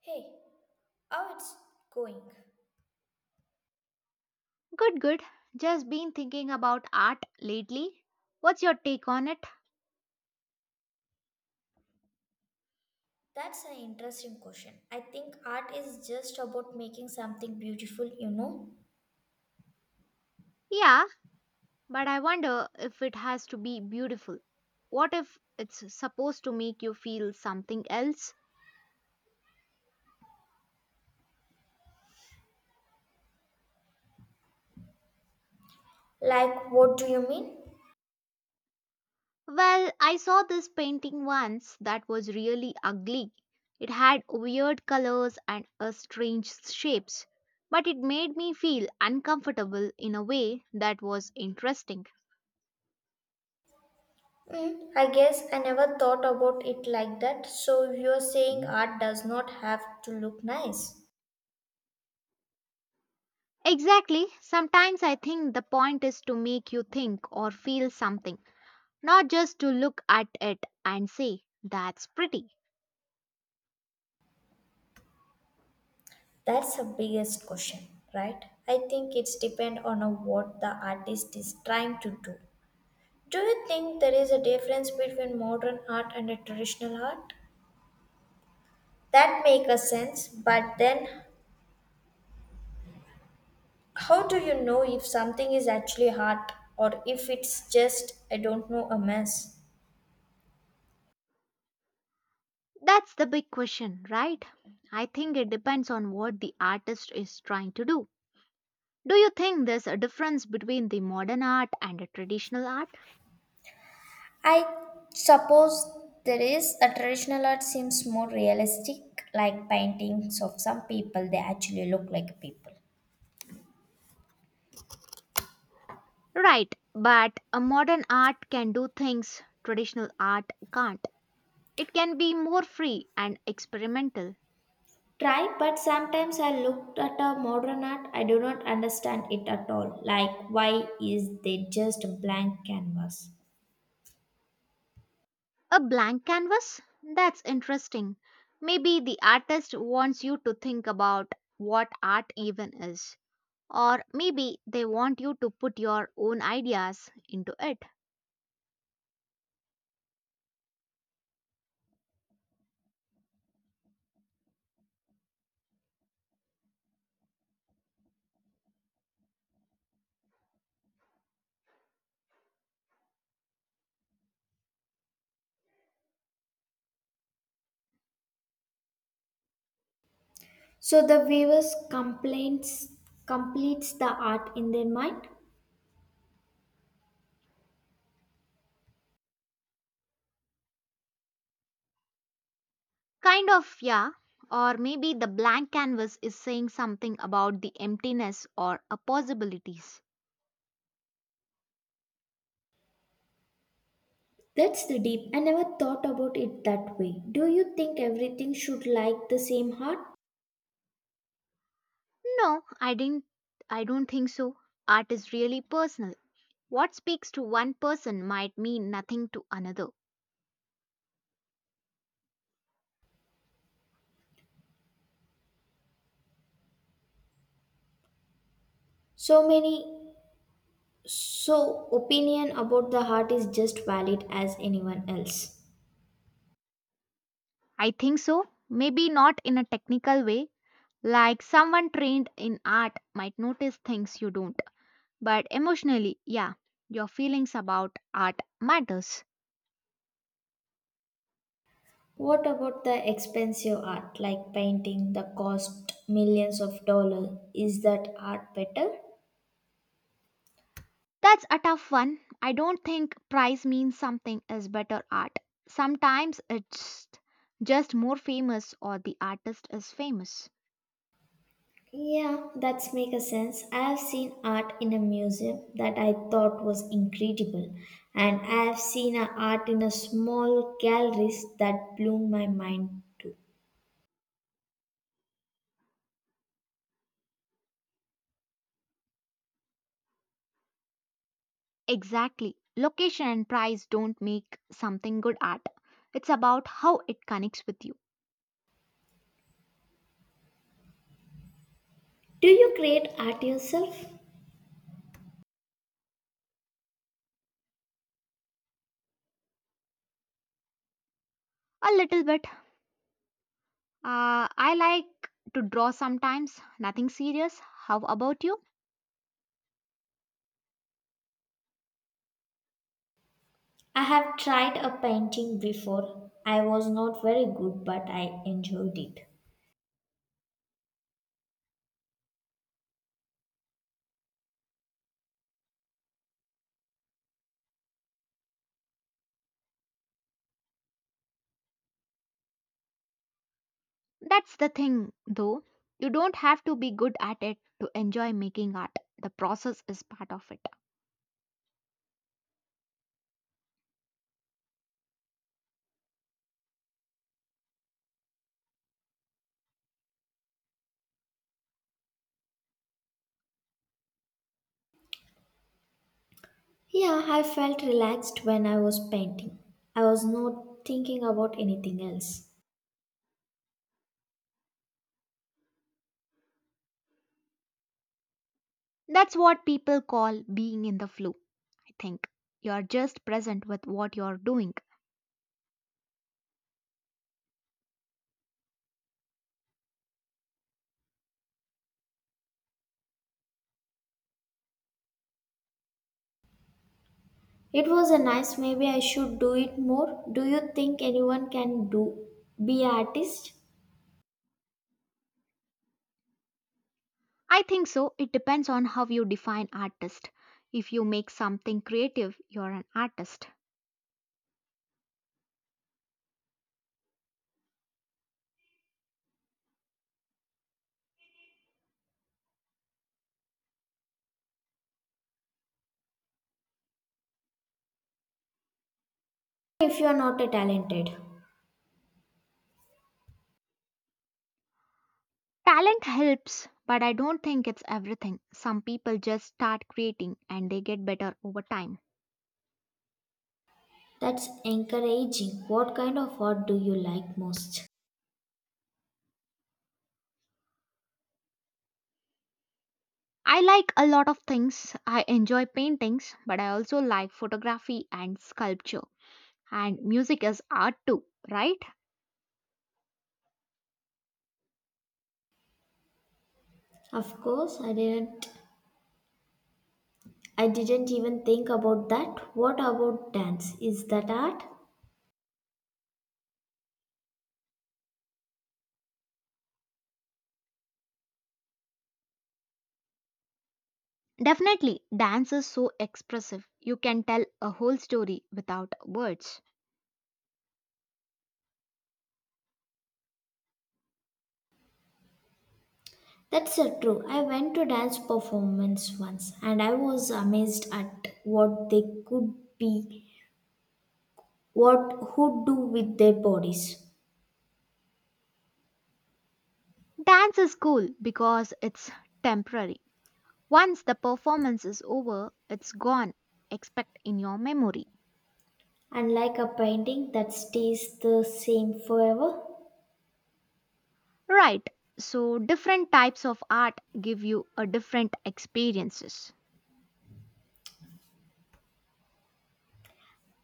Hey, how it's going? Good, good. Just been thinking about art lately. What's your take on it? That's an interesting question. I think art is just about making something beautiful, you know? Yeah, but I wonder if it has to be beautiful. What if it's supposed to make you feel something else? Like, what do you mean? Well, I saw this painting once that was really ugly. It had weird colors and strange shapes, but it made me feel uncomfortable in a way that was interesting. Hmm, I guess I never thought about it like that. So, you're saying art does not have to look nice? Exactly. Sometimes I think the point is to make you think or feel something, not just to look at it and say, that's pretty. That's the biggest question, right? I think it's depend on a what the artist is trying to do. Do you think there is a difference between modern art and a traditional art? That makes a sense, but then how do you know if something is actually art or if it's just, I don't know, a mess? That's the big question, right? I think it depends on what the artist is trying to do. Do you think there's a difference between the modern art and the traditional art? I suppose there is a traditional art seems more realistic, like paintings of some people, they actually look like people. Right, but a modern art can do things traditional art can't. It can be more free and experimental. Try, but sometimes I looked at a modern art, I do not understand it at all. Like, why is they just a blank canvas? A blank canvas? That's interesting. Maybe the artist wants you to think about what art even is. Or maybe they want you to put your own ideas into it. So the viewers complains completes the art in their mind. Kind of, yeah. Or maybe the blank canvas is saying something about the emptiness or a possibilities. That's the deep. I never thought about it that way. Do you think everything should like the same heart? No. I don't think so. Art is really personal. What speaks to one person might mean nothing to another. So many so opinion about the heart is just valid as anyone else. I think so. Maybe not in a technical way, like someone trained in art might notice things you don't. But emotionally, yeah, your feelings about art matters. What about the expensive art like painting the cost millions of dollars? Is that art better? That's a tough one. I don't think price means something is better art. Sometimes it's just more famous or the artist is famous. Yeah, that's make a sense. I have seen art in a museum that I thought was incredible, and I have seen a art in a small galleries that blew my mind too. Exactly. Location and price don't make something good art. It's about how it connects with you. Do you create art yourself? A little bit. I like to draw sometimes, nothing serious. How about you? I have tried a painting before. I was not very good, but I enjoyed it. That's the thing, though. You don't have to be good at it to enjoy making art. The process is part of it. Yeah, I felt relaxed when I was painting. I was not thinking about anything else. That's what people call being in the flow, I think. You're just present with what you're doing. It was a nice. Maybe I should do it more. Do you think anyone can do be an artist I think so. It depends on how you define artist. If you make something creative, you're an artist. if you are not a talented? Talent helps, but I don't think it's everything. Some people just start creating and they get better over time. That's encouraging. What kind of art do you like most? I like a lot of things. I enjoy paintings, but I also like photography and sculpture. And music is art too, right? Of course, I didn't. I didn't even think about that. What about dance? Is that art? Definitely, dance is so expressive. You can tell a whole story without words. That's true. I went to dance performance once, and I was amazed at what they could be, what who do with their bodies. Dance is cool because it's temporary. Once the performance is over, it's gone, except in your memory. Unlike a painting that stays the same forever, Right, so different types of art give you a different experiences.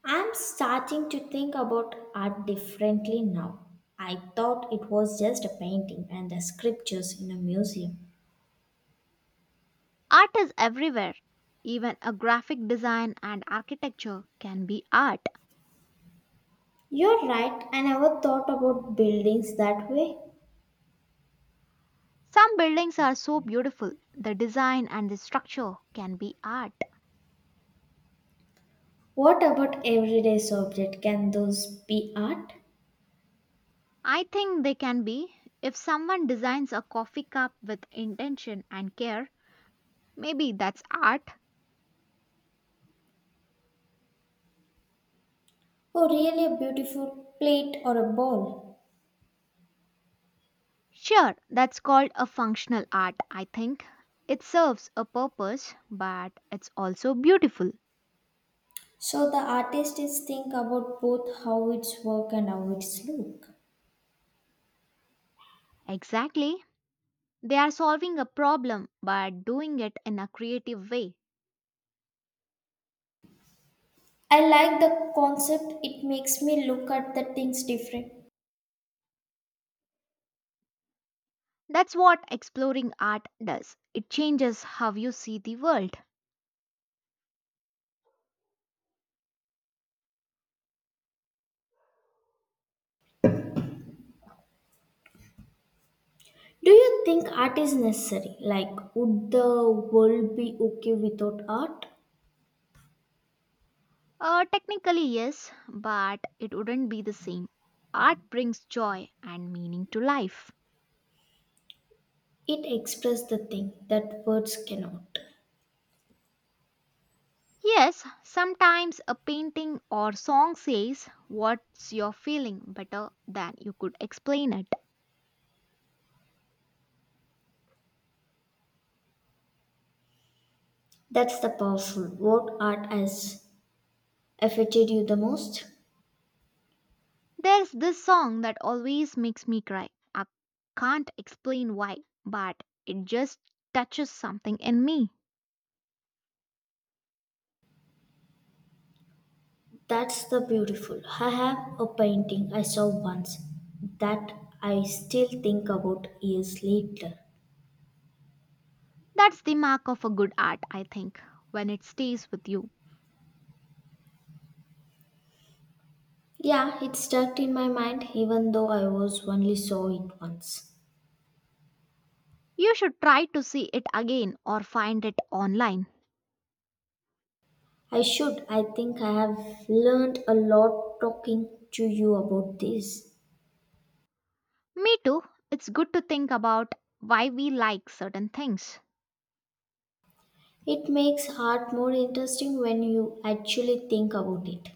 I'm starting to think about art differently now. I thought it was just a painting and the sculptures in a museum. Art is everywhere. Even a graphic design and architecture can be art. You're right, I never thought about buildings that way. Some buildings are so beautiful, the design and the structure can be art. What about everyday objects? Can those be art? I think they can be. If someone designs a coffee cup with intention and care, maybe that's art. Or really a beautiful plate or a ball? Sure, that's called a functional art, I think. It serves a purpose, but it's also beautiful. So the artist is think about both how it's work and how it's look. Exactly. They are solving a problem, but doing it in a creative way. I like the concept, it makes me look at the things different. That's what exploring art does. It changes how you see the world. Do you think art is necessary? Like, would the world be okay without art? Technically, yes, but it wouldn't be the same. Art brings joy and meaning to life. It expresses the thing that words cannot. Yes, sometimes a painting or song says what's your feeling better than you could explain it. That's the powerful. What art has affected you the most? There's this song that always makes me cry. I can't explain why, but it just touches something in me. That's the beautiful. I have a painting I saw once that I still think about years later. That's the mark of a good art, I think, when it stays with you. Yeah, it stuck in my mind even though I was only saw it once. You should try to see it again or find it online. I should. I think I have learned a lot talking to you about this. Me too, it's good to think about why we like certain things. It makes art more interesting when you actually think about it.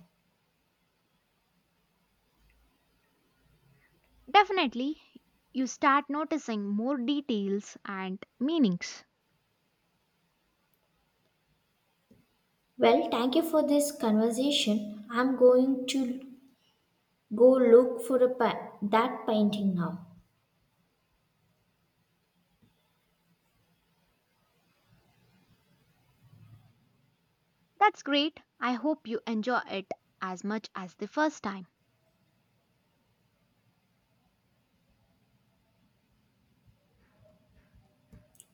Definitely, you start noticing more details and meanings. Well, thank you for this conversation. I'm going to go look for a that painting now. That's great. I hope you enjoy it as much as the first time.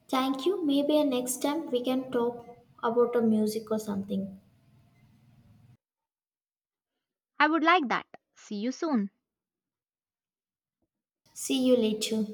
Thank you. Maybe next time we can talk about a music or something. I would like that. See you soon. See you later.